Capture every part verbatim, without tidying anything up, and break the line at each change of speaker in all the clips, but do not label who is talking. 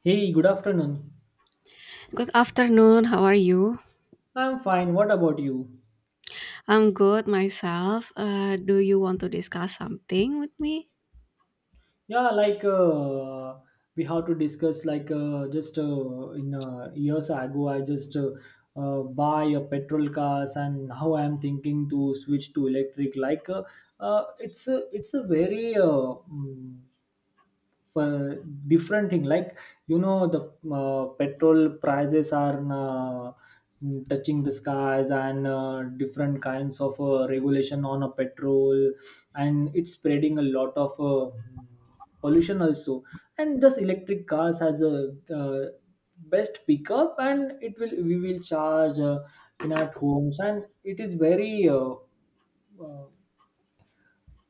Hey, good afternoon.
Good afternoon. How are you?
I'm fine. What about you?
I'm good myself. Uh, do you want to discuss something with me?
Yeah, like uh, we have to discuss like uh, just uh, in uh, years ago, I just uh, uh, buy a petrol cars, and now I'm thinking to switch to electric. Like uh, uh, it's a it's a very uh, mm, uh, different thing like you know the uh, petrol prices are uh, mm, touching the skies, and uh, different kinds of uh, regulation on a petrol, and it's spreading a lot of uh, pollution also, and just electric cars has a uh, best pickup, and it will we will charge uh, in at homes, and it is very uh, uh,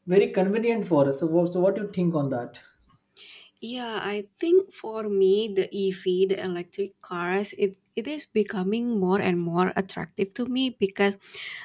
very convenient for us. So, what- so what do you think on that?
Yeah, I think for me, the E V, the electric cars, it, it is becoming more and more attractive to me, because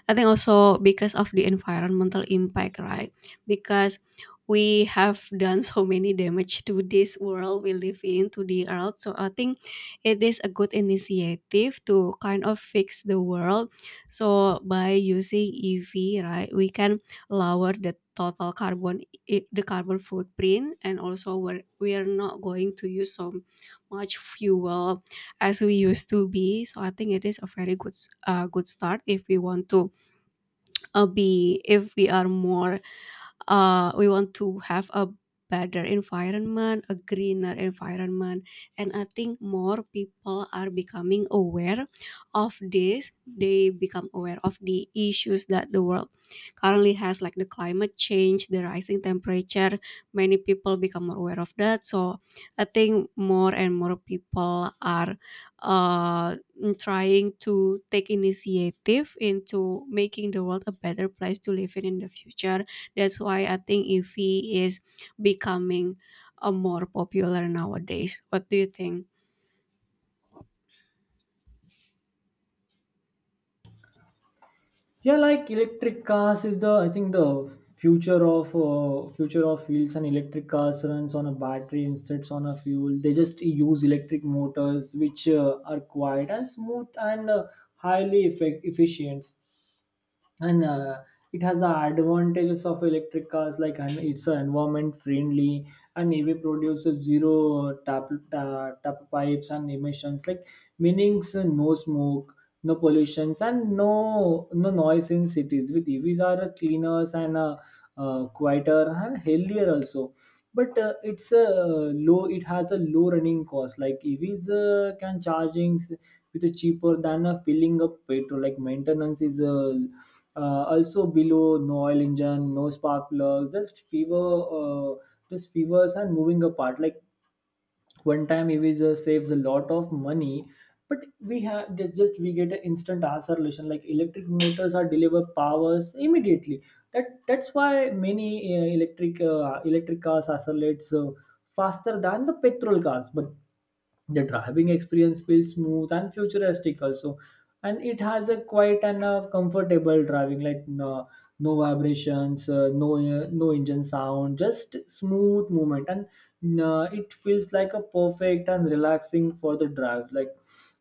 I think also because of the environmental impact, right? Because we have done so many damage to this world we live in, to the earth. So I think it is a good initiative to kind of fix the world. So by using E V, right, we can lower the total carbon, it, the carbon footprint, and also we're, we are not going to use so much fuel as we used to be. So I think it is a very good s- uh, good start if we want to uh, be, if we are more, uh, we want to have a better environment, a greener environment. And I think more people are becoming aware of this. They become aware of the issues that the world currently has, like the climate change, the rising temperature. Many people become more aware of that, so I think more and more people are uh, trying to take initiative into making the world a better place to live in in the future. That's why I think Eevee is becoming a more popular nowadays. What do you think?
Yeah, like electric cars is the I think the future of uh, future of wheels, and electric cars runs on a battery instead on a fuel. They just use electric motors which uh, are quiet and smooth, and uh, highly effect- efficient, and uh, it has the advantages of electric cars, like, and it's uh, environment friendly, and E V produces zero uh, tap, ta- tap pipes and emissions, like meanings uh, no smoke, no pollutions, and no no noise in cities with E Vs are uh, cleaners and uh, uh, quieter and healthier also. But uh, it's a low it has a low running cost, like evs uh, can charging s- with a cheaper than a filling up petrol. Like maintenance is uh, uh, also below, no oil engine, no spark plugs, just fever uh, just fevers and moving apart, like one time eraser saves a lot of money. But we have there's just we get an instant answer solution, like electric motors are deliver powers immediately. That that's why many uh, electric uh, electric cars accelerates uh, faster than the petrol cars. But the driving experience feels smooth and futuristic also, and it has a quiet and a comfortable driving, like no, no vibrations, uh, no uh, no engine sound, just smooth movement, and uh, it feels like a perfect and relaxing for the drive. Like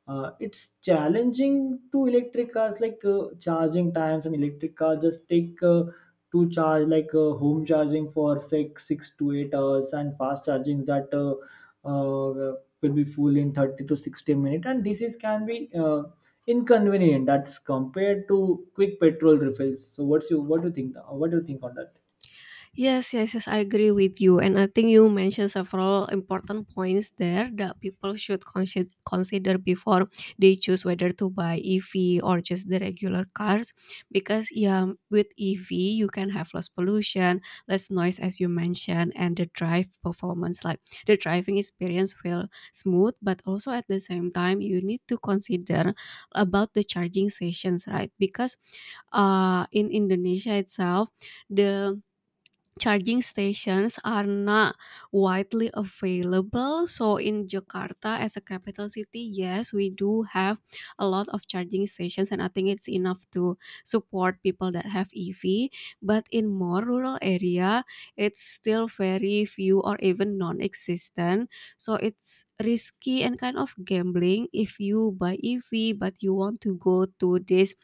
uh, it's challenging to electric cars, like uh, charging times, and electric cars just take Uh, to charge, like uh, home charging for six six to eight hours, and fast chargings that uh, uh, will be full in thirty to sixty minutes, and this is can be uh, inconvenient that's compared to quick petrol refills. So what's you what do you think, uh, what do you think on that?
Yes, yes, yes, I agree with you. And I think you mentioned several important points there that people should consider consider before they choose whether to buy E V or just the regular cars. Because yeah, with E V, you can have less pollution, less noise as you mentioned, and the drive performance, like the driving experience will smooth, but also at the same time you need to consider about the charging sessions, right? Because uh in Indonesia itself, the charging stations are not widely available. So in Jakarta as a capital city, yes, we do have a lot of charging stations and I think it's enough to support people that have E V. But in more rural area, it's still very few or even non-existent. So it's risky and kind of gambling if you buy E V but you want to go to this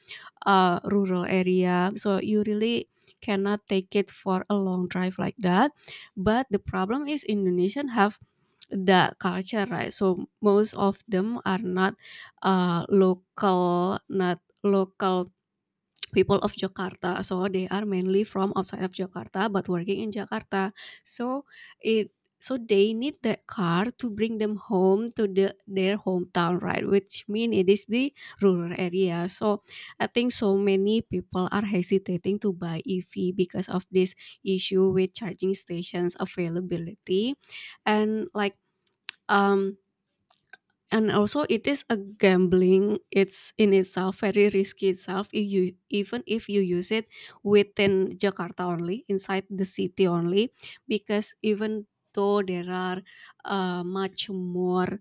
uh, rural area. So you really cannot take it for a long drive like that. But the problem is Indonesian have that culture, right? So most of them are not uh, local, not local people of Jakarta. So they are mainly from outside of Jakarta but working in Jakarta. So it so they need that car to bring them home to the their hometown, right? Which mean it is the rural area. So I think so many people are hesitating to buy E V because of this issue with charging stations availability, and like, um and also it is a gambling. It's in itself very risky itself, if you even if you use it within Jakarta only, inside the city only, because even though there are uh, much more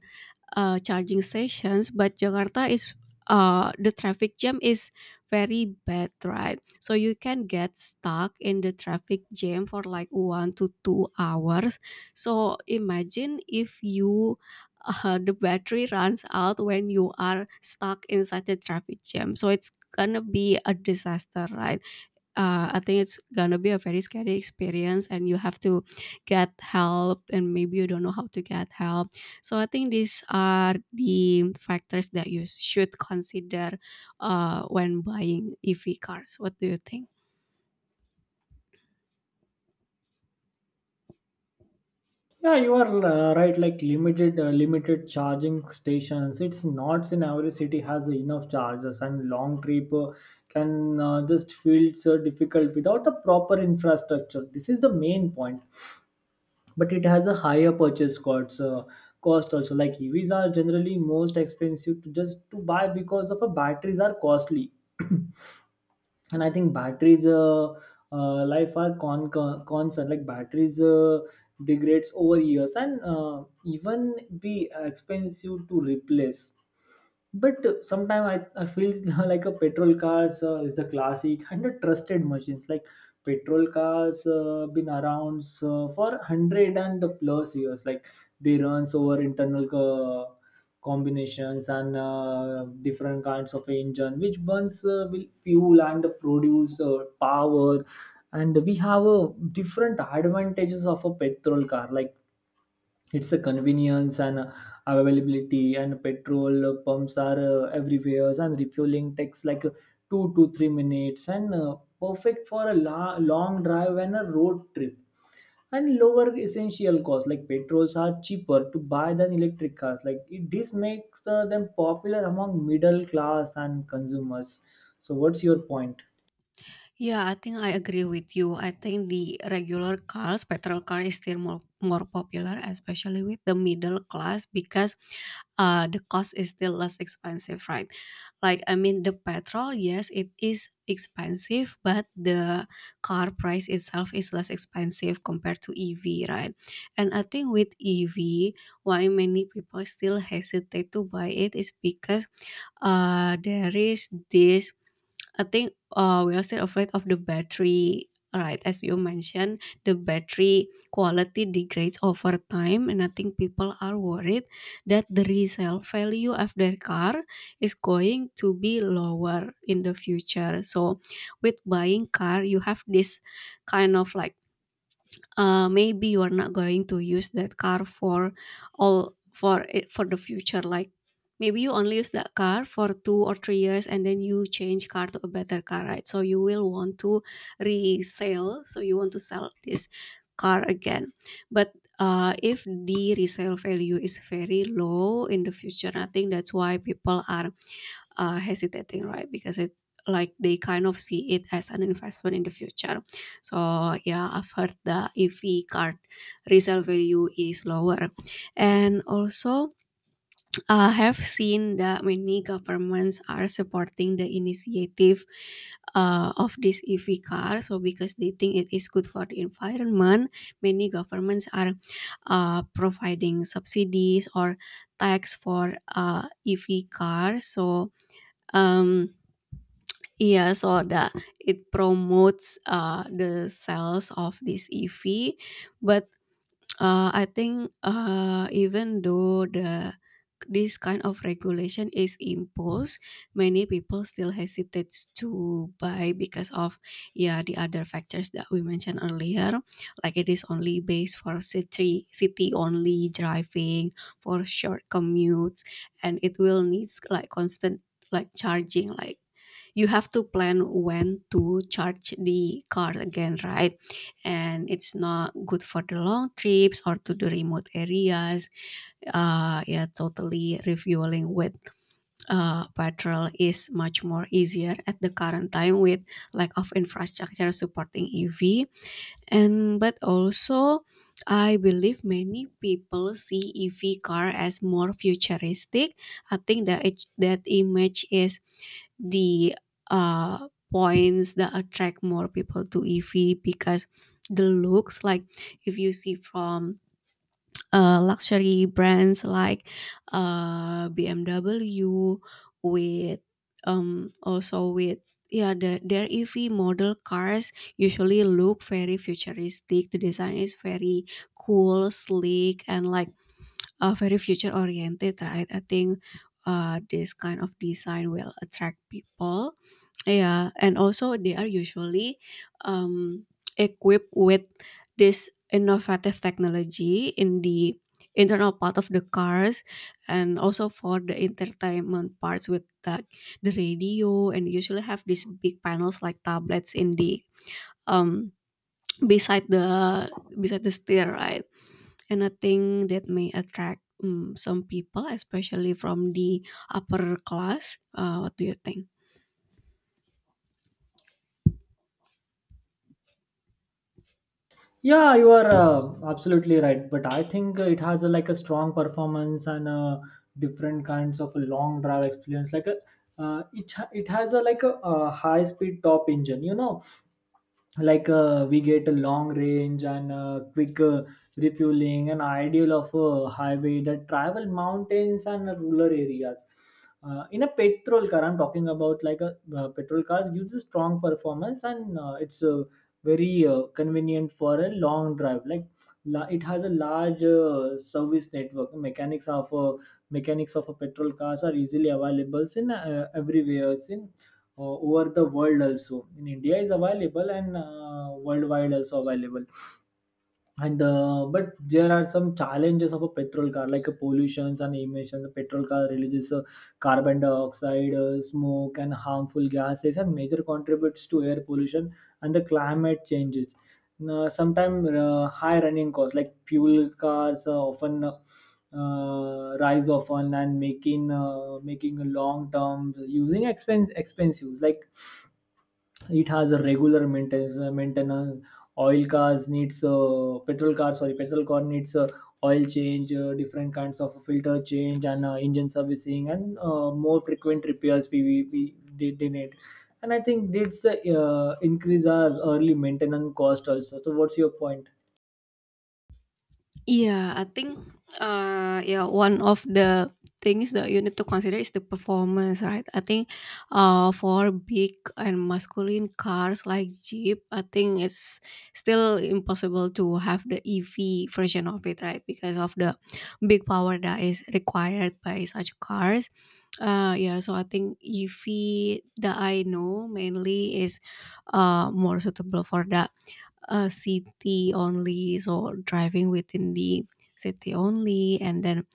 uh, charging stations, but Jakarta is uh, the traffic jam is very bad, right? So you can get stuck in the traffic jam for like one to two hours. So imagine if you uh, the battery runs out when you are stuck inside the traffic jam. So it's gonna be a disaster, right? uh, I think it's gonna be a very scary experience, and you have to get help, and maybe you don't know how to get help. So I think these are the factors that you should consider uh, when buying E V cars. What do you think?
Yeah, you are uh, right, like limited uh, limited charging stations, it's not in every city has enough chargers, and long trip uh, can uh, just feel so difficult without a proper infrastructure. This is the main point, but it has a higher purchase cost uh, cost also, like evs are generally most expensive to just to buy because of a batteries are costly and I think batteries uh, uh, life are con, con concern, like batteries uh, degrades over years and uh, even be expensive to replace. But sometimes I, I feel like a petrol cars uh, is the classic and a trusted machines, like petrol cars uh, been around uh, for one hundred plus years. Like they runs over internal co- combinations and uh, different kinds of engine which burns uh, will fuel and produce uh, power, and we have uh, different advantages of a petrol car, like it's a convenience and availability, and petrol uh, pumps are uh, everywhere, and refueling takes like uh, two to three minutes, and uh, perfect for a la- long drive and a road trip, and lower essential costs, like petrols are cheaper to buy than electric cars. like it, this makes uh, them popular among middle class and consumers. So what's your point?
Yeah, I think I agree with you. I think the regular cars, petrol car is still more, more popular, especially with the middle class, because uh, the cost is still less expensive, right? Like, I mean, the petrol, yes, it is expensive, but the car price itself is less expensive compared to E V, right? And I think with E V, why many people still hesitate to buy it is because uh, there is this, I think uh, we are still afraid of the battery, right? As you mentioned, the battery quality degrades over time, and I think people are worried that the resale value of their car is going to be lower in the future. So, with buying car, you have this kind of like, uh, maybe you are not going to use that car for all for it for the future. Like, maybe you only use that car for two or three years, and then you change car to a better car, right? So you will want to resell, so you want to sell this car again, but uh, if the resale value is very low in the future, I think that's why people are uh, hesitating, right? Because it's like they kind of see it as an investment in the future. So yeah, I've heard the E V card resale value is lower, and also I have seen that many governments are supporting the initiative uh, of this E V car. So because they think it is good for the environment, many governments are uh, providing subsidies or tax for uh, E V cars. So, um, yeah, so that it promotes uh, the sales of this E V, but uh, I think, uh, even though the this kind of regulation is imposed, many people still hesitate to buy because of, yeah, the other factors that we mentioned earlier, like it is only based for city city only driving for short commutes, and it will needs like constant, like charging, like, you have to plan when to charge the car again, right? And it's not good for the long trips or to the remote areas. Uh, yeah, totally refueling with uh, petrol is much more easier at the current time with lack of infrastructure supporting E V. And but also, I believe many people see E V car as more futuristic. I think that it, that image is the uh, points that attract more people to E V, because the looks like, if you see from uh, luxury brands like uh, B M W, with, um, also with, yeah, the, their E V model cars usually look very futuristic. The design is very cool, sleek, and like, uh, very future oriented, right? I think uh, this kind of design will attract people. Yeah, and also they are usually, um, equipped with this innovative technology in the internal part of the cars, and also for the entertainment parts, with the, the radio, and usually have these big panels like tablets in the um beside the beside the steer, right? And I think that may attract, um, some people, especially from the upper class. Uh, what do you think?
Yeah, you are uh, absolutely right. But I think uh, it has a, like a strong performance and uh, different kinds of a long drive experience. Like a, uh, it ha- it has a like a, uh, high speed top engine. You know, like uh, we get a long range and uh, quick uh, refueling and ideal of a highway that travel mountains and rural areas uh, in a petrol car. I'm talking about like a uh, petrol cars uses strong performance, and uh, it's uh, very uh, convenient for a long drive. Like la- it has a large uh, service network, mechanics of a mechanics of a petrol cars are easily available in uh, everywhere in uh, over the world, also in India is available, and uh, worldwide also available. And uh, but there are some challenges of a petrol car, like uh, pollutions and emissions. The petrol car releases uh, carbon dioxide, uh, smoke, and harmful gases, and major contributes to air pollution and the climate changes. Uh, sometimes uh, high running costs, like fuel cars uh, often uh, rise often and making uh, making long term using expense expensive, like it has a regular maintenance uh, maintenance. Oil cars needs uh, petrol car sorry petrol car needs uh, oil change, uh, different kinds of filter change, and uh, engine servicing, and uh, more frequent repairs we, we, we they, they need, and I think that's uh, increase our early maintenance cost also. So what's your point?
Yeah, I think, uh, yeah, one of the things that you need to consider is the performance, right? I think, uh, for big and masculine cars like Jeep, I think it's still impossible to have the E V version of it, right? Because of the big power that is required by such cars. Uh, yeah, so I think E V that I know mainly is uh, more suitable for that. Uh, city only, so driving within the city only, and then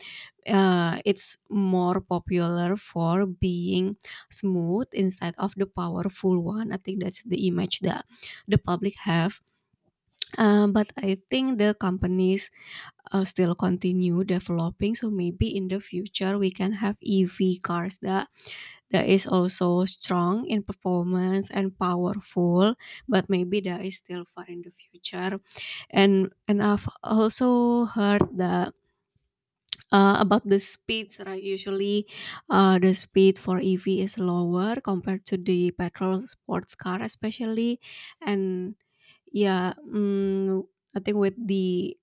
uh, it's more popular for being smooth instead of the powerful one. I think that's the image that the public have. Um, but I think the companies uh, still continue developing. So maybe in the future we can have E V cars that that is also strong in performance and powerful, but maybe that is still far in the future. And and I've also heard that, uh, about the speeds, right? Usually, uh, the speed for E V is lower compared to the petrol sports car, especially. And yeah. mm, I think with the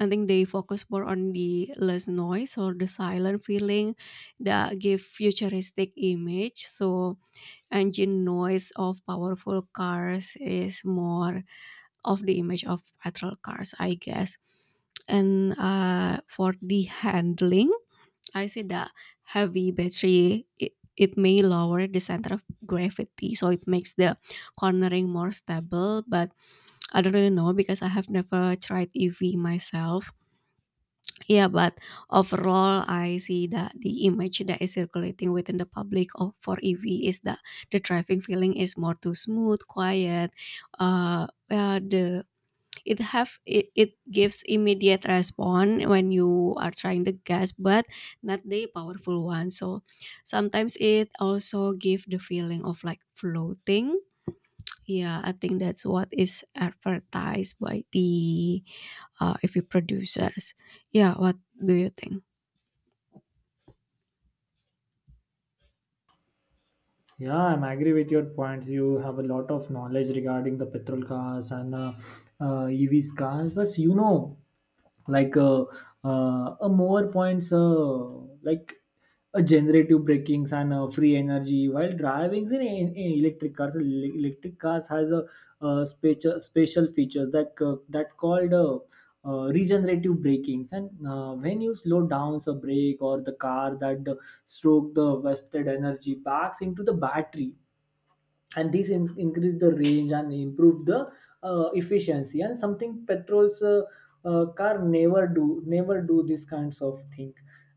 I think they focus more on the less noise or the silent feeling that give futuristic image. So engine noise of powerful cars is more of the image of petrol cars, I guess. And uh, for the handling, I see that heavy battery, it, it may lower the center of gravity, so it makes the cornering more stable. But I don't really know because I have never tried E V myself. Yeah, but overall, I see that the image that is circulating within the public of for E V is that the driving feeling is more too smooth, quiet. Uh, uh the It have it, it gives immediate response when you are trying the gas, but not the powerful one. So sometimes it also give the feeling of like floating. Yeah, I think that's what is advertised by the uh, E V producers. Yeah, what do you think?
Yeah, I'm agree with your points. You have a lot of knowledge regarding the petrol cars and uh, uh, E Vs cars. But you know, like uh, uh, a more points, uh, like a generative brakings and uh, free energy while driving in, in in electric cars. el- Electric cars has a, uh special special features that uh, that called uh, uh, regenerative brakings, and uh, when you slow down a brake or the car that uh, stroke, the wasted energy backs into the battery, and this in- increase the range and improve the uh, efficiency, and something petrol's uh, uh, car never do never do this kinds of thing.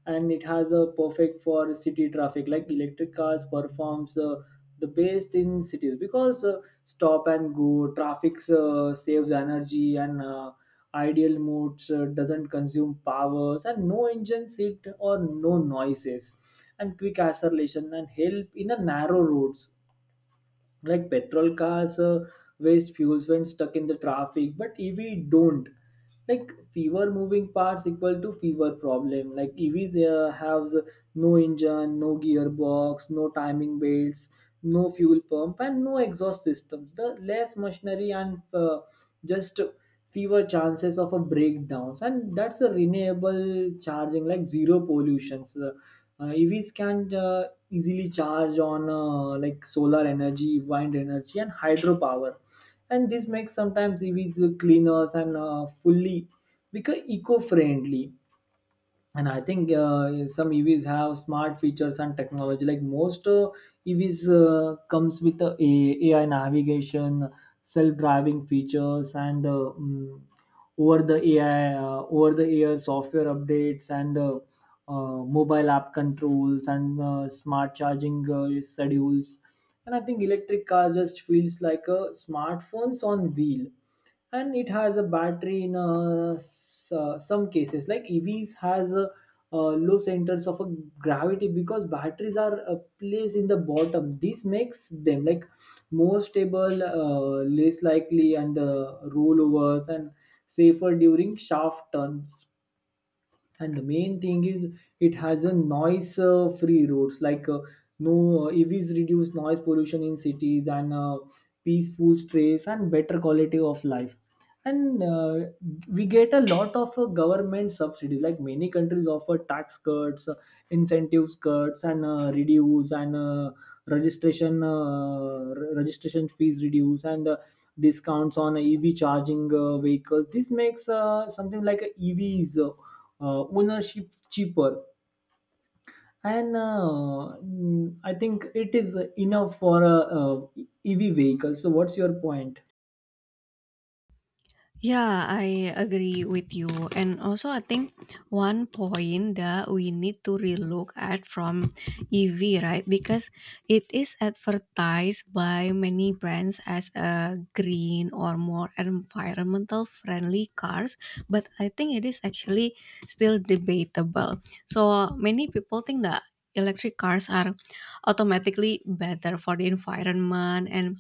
And it has a perfect for city traffic, like electric cars performs uh, the best in cities because uh, stop and go traffic uh, saves energy, and uh, ideal modes uh, doesn't consume powers, and no engine seat or no noises, and quick acceleration and help in a narrow roads. Like petrol cars uh, waste fuels when stuck in the traffic, but ev don't. Like fewer moving parts equal to fewer problem, like evs uh, have uh, no engine, no gearbox, no timing belts, no fuel pump, and no exhaust systems, the less machinery, and uh, just fewer chances of a breakdowns. And that's a renewable charging, like zero pollutions, uh, uh, evs can uh, easily charge on uh, like solar energy, wind energy, and hydropower, and this makes sometimes evs cleaner and uh, fully become eco-friendly. And I think uh, some evs have smart features and technology, like most uh, evs uh, comes with uh, A- ai navigation, self-driving features, and uh, mm, over the ai uh, over the air software updates, and uh, uh, mobile app controls, and uh, smart charging uh, schedules, and I think electric car just feels like a smartphones on wheel. And it has a battery in uh, s- uh, some cases, like evs has a, uh, low centers of a gravity because batteries are uh, placed in the bottom. This makes them like more stable, uh, less likely, and uh, rollovers, and safer during shaft turns. And the main thing is it has a noise uh, free roads, like uh, no uh, evs reduce noise pollution in cities, and uh, peaceful stress and better quality of life. And uh, we get a lot of uh, government subsidies, like many countries offer tax cuts, uh, incentives cuts, and uh, reduce, and uh, registration uh, re- registration fees reduce, and uh, discounts on ev charging uh, vehicles. This makes uh, something like a evs uh, ownership cheaper. And uh, mm, I think it is enough for a, uh, ev vehicle. So what's your point?
Yeah, I agree with you. And also, I think one point that we need to relook at from E V, right? Because it is advertised by many brands as a green or more environmental friendly cars, but I think it is actually still debatable. So many people think that electric cars are automatically better for the environment, and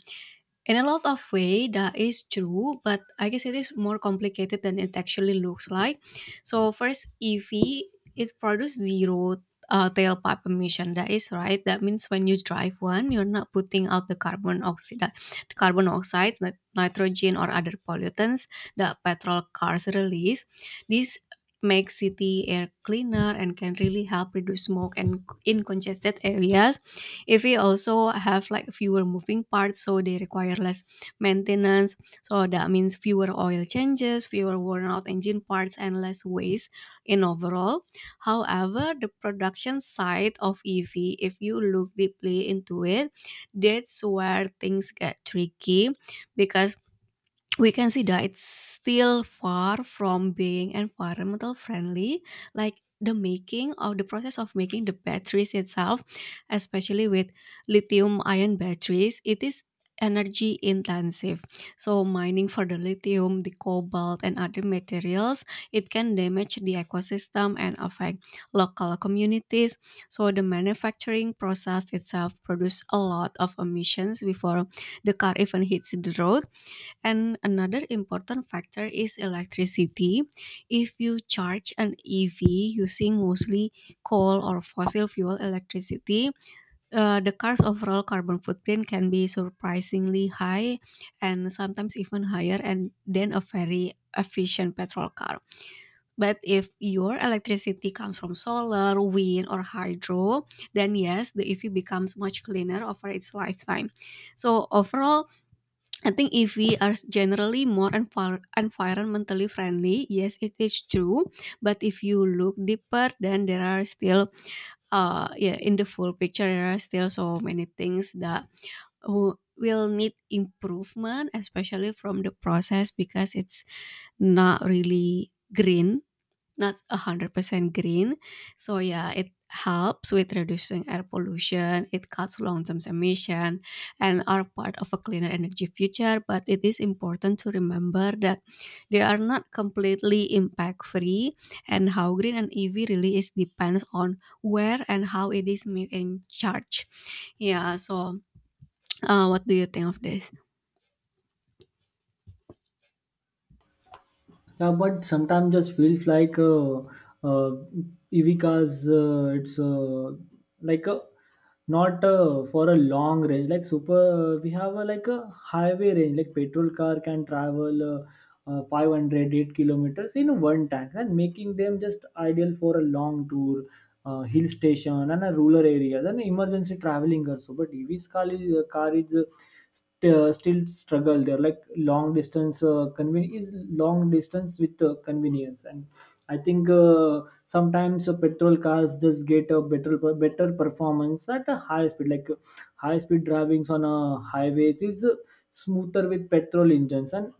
in a lot of way, that is true, but I guess it is more complicated than it actually looks like. So first, E V it produces zero uh, tailpipe emission. That is right. That means when you drive one, you're not putting out the carbon oxide, the carbon oxides, nit- nitrogen, or other pollutants that petrol cars release. This makes city air cleaner and can really help reduce smoke and in congested areas if we also have like fewer moving parts, so they require less maintenance. So that means fewer oil changes, fewer worn out engine parts, and less waste in overall. However, the production side of EV, if you look deeply into it, that's where things get tricky, because we can see that it's still far from being environmental friendly. Like, the making of the process of making the batteries itself, especially with lithium ion batteries, it is energy intensive. So mining for the lithium, the cobalt, and other materials, it can damage the ecosystem and affect local communities. So the manufacturing process itself produce a lot of emissions before the car even hits the road. And another important factor is electricity. If you charge an E V using mostly coal or fossil fuel electricity, uh, the car's overall carbon footprint can be surprisingly high and sometimes even higher and than a very efficient petrol car. But if your electricity comes from solar, wind, or hydro, then yes, the E V becomes much cleaner over its lifetime. So overall, I think E V are generally more envir- environmentally friendly. Yes, it is true. But if you look deeper, then there are still, uh, yeah, in the full picture, there are still so many things that who will need improvement, especially from the process, because it's not really green. Not one hundred percent green. So yeah, it helps with reducing air pollution, it cuts long-term emission and are part of a cleaner energy future, but it is important to remember that they are not completely impact-free, and how green an E V really is depends on where and how it is made and charged. Yeah, so uh, what do you think of this?
Yeah, but sometimes just feels like uh, uh, Evika's. Uh, it's uh, like a not uh, for a long range. Like super, we have a, like a highway range. Like petrol car can travel uh, uh, five hundred kilometers in one tank, and making them just ideal for a long tour. Uh, hill station and a rural area, then emergency traveling also. But E V's car is, uh, car is uh, st- uh, still struggle there, like long distance uh, conven- is long distance with uh, convenience. And I think uh, sometimes uh, petrol cars just get a better better performance at a high speed, like uh, high speed drivings on a highways is uh, smoother with petrol engines. And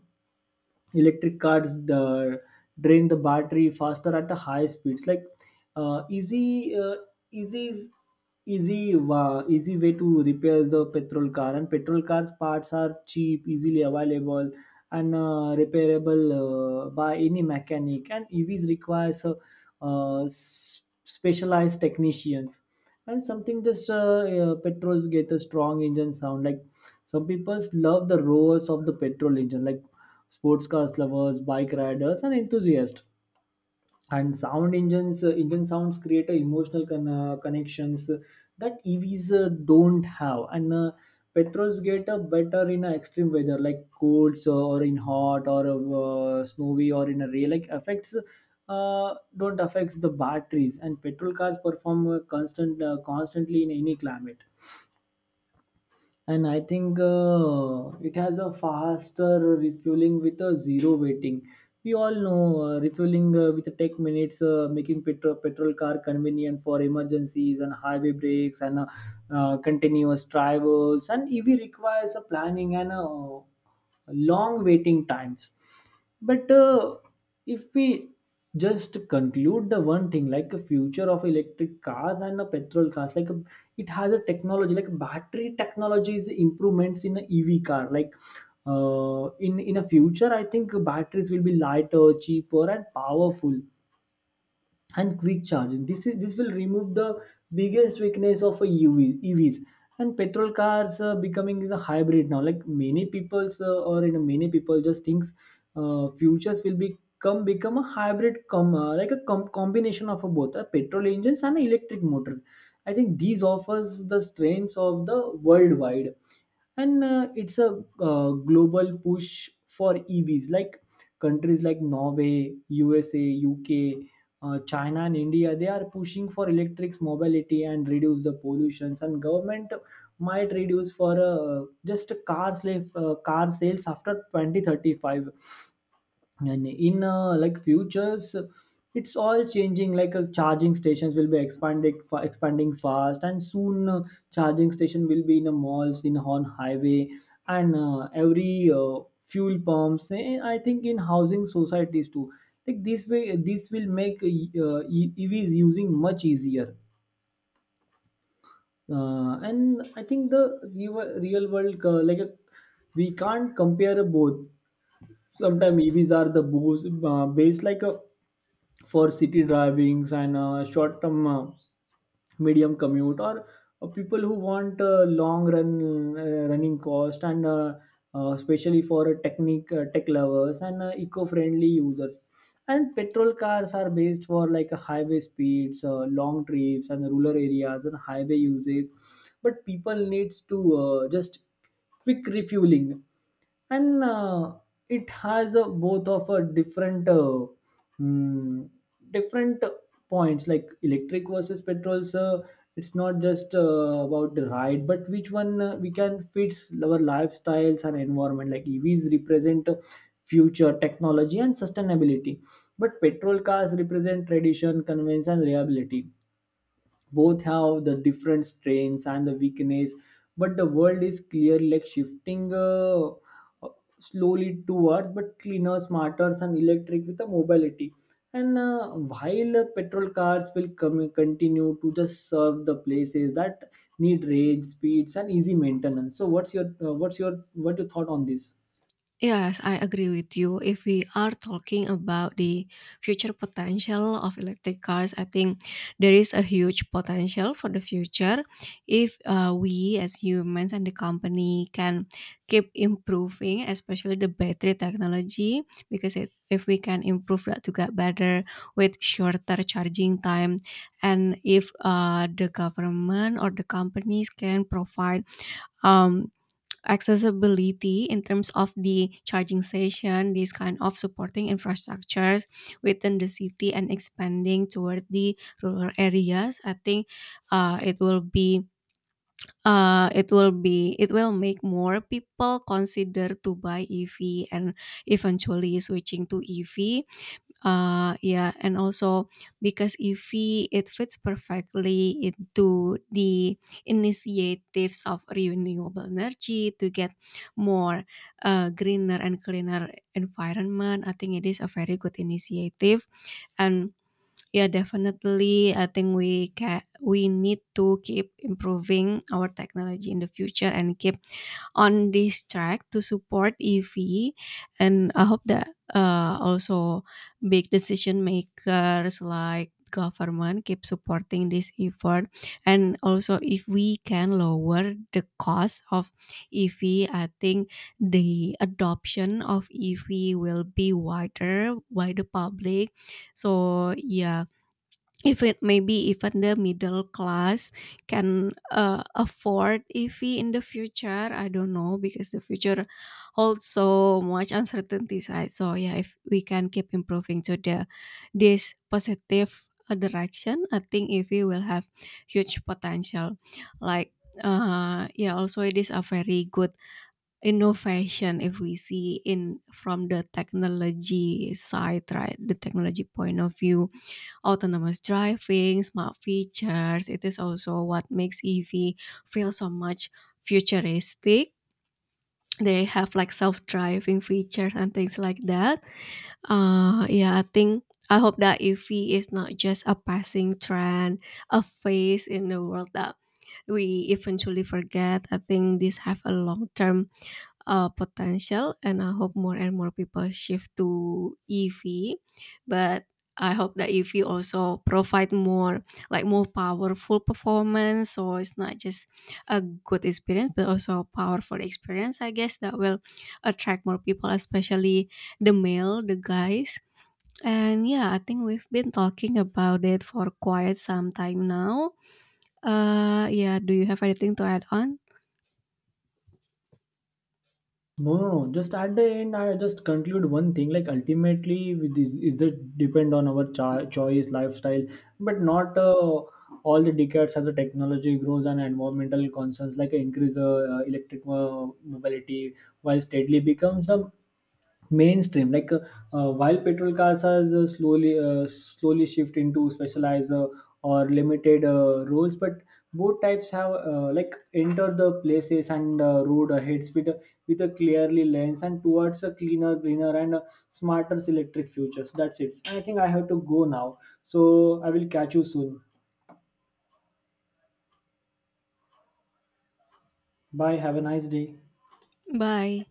electric cars the drain the battery faster at a high speeds, like uh, easy uh, easy is easy uh, easy way to repair the petrol car, and petrol cars parts are cheap, easily available and uh, repairable uh, by any mechanic. And EVs requires uh, uh, s- specialized technicians. And something, just uh, uh, petrols get a strong engine sound, like some people love the roars of the petrol engine, like sports cars lovers, bike riders, and enthusiasts. And sound engines, uh, engine sounds create a emotional con- uh, connections that E Vs uh, don't have. And uh, petrols get uh, better in uh, extreme weather, like colds, uh, or in hot or uh, snowy or in a rain. Like affects uh, don't affects the batteries. And petrol cars perform uh, constant uh, constantly in any climate. And I think uh, it has a faster refueling with a zero waiting. We all know uh, refueling uh, with tech minutes, uh, making petrol petrol car convenient for emergencies and highway breaks and uh, uh, continuous travels. And EV requires a planning and uh, long waiting times. But uh, if we just conclude the one thing, like a future of electric cars and a petrol cars, like a, it has a technology, like battery technology is improvements in a E V car. Like uh, in in a future, I think batteries will be lighter, cheaper, and powerful, and quick charging. This is this will remove the biggest weakness of a U V, E Vs. And petrol cars uh, becoming the hybrid now. Like many people's, uh, or you know, many people just thinks uh, futures will become become a hybrid com uh, like a com- combination of a both a petrol engines and electric motors. I think these offers the strengths of the worldwide. And uh, it's a uh, global push for EVs, like countries like Norway, U S A, U K, uh, China, and India. They are pushing for electric mobility and reduce the pollutions. And government might reduce for uh, just car slave, uh, car sales after twenty thirty-five. And in uh, like futures, it's all changing. Like uh, charging stations will be expanding fa- expanding fast, and soon uh, charging station will be in the malls, in on highway, and uh, every uh, fuel pumps, and I think in housing societies too. Like this way, this will make uh, E- EVs using much easier. Uh, and I think the real, real world, uh, like uh, we can't compare both. Sometimes EVs are the boost uh, based, like a for city drivings, and uh, short term, uh, medium commute, or uh, people who want uh, long run uh, running cost, and uh, uh, especially for technique uh, tech lovers and uh, eco-friendly users. And petrol cars are based for like uh, highway speeds, uh, long trips, and rural areas and highway usage. But people needs to uh, just quick refueling. And uh, it has uh, both of a different, uh, mm, different points, like electric versus petrol. So it's not just uh, about the ride, but which one uh, we can fit our lifestyles and environment. Like EVs represent uh, future technology and sustainability, but petrol cars represent tradition, convenience, and reliability. Both have the different strengths and the weakness, but the world is clear, like shifting uh, uh, slowly towards but cleaner, smarter, and electric with the mobility. And uh, while uh, petrol cars will come continue to just serve the places that need range speeds and easy maintenance. So what's your uh, what's your what your thought on this?
Yes, I agree with you. If we are talking about the future potential of electric cars, I think there is a huge potential for the future if uh, we as humans and the company can keep improving, especially the battery technology, because it, if we can improve that to get better with shorter charging time, and if uh, the government or the companies can provide um, accessibility in terms of the charging station, this kind of supporting infrastructures within the city and expanding toward the rural areas. I think uh, it will be uh, it will be it will make more people consider to buy E V and eventually switching to E V. Uh, yeah, and also because E V it fits perfectly into the initiatives of renewable energy to get more uh, greener and cleaner environment. I think it is a very good initiative, and yeah, definitely. I think we can we need to keep improving our technology in the future and keep on this track to support E V. And I hope that uh, also big decision makers like government keep supporting this effort. And also, if we can lower the cost of E V, I think the adoption of E V will be wider by the public. So yeah, if it maybe even the middle class can uh, afford E V in the future, I don't know, because the future holds so much uncertainties, right? So yeah, if we can keep improving to the this positive uh, direction, I think E V will have huge potential. Like, uh yeah, also it is a very good innovation if we see in from the technology side, right, the technology point of view. Autonomous driving, smart features, it is also what makes E V feel so much futuristic. They have like self-driving features and things like that. Uh, yeah, I think I hope that E V is not just a passing trend, a phase in the world that we eventually forget. I think these have a long-term uh, potential, and I hope more and more people shift to E V. But I hope that E V also provide more, like more powerful performance. So it's not just a good experience, but also a powerful experience. I guess that will attract more people, especially the male, the guys. And yeah, I think we've been talking about it for quite some time now. Uh, yeah, do you have anything to add on?
No, no, no. Just at the end, I just conclude one thing. Like ultimately, with this is it depend on our cho- choice, lifestyle, but not uh, all the decades. As the technology grows and environmental concerns like increase uh, electric uh, mobility, while steadily becomes a mainstream, like uh, uh, while petrol cars are uh, slowly uh, slowly shift into specialized uh, or limited uh, roles. But both types have uh, like enter the places and uh, road ahead with a, with a clearly lens and towards a cleaner, greener, and uh, smarter electric futures. That's it. I think I have to go now, so I will catch you soon. Bye, have a nice day.
Bye.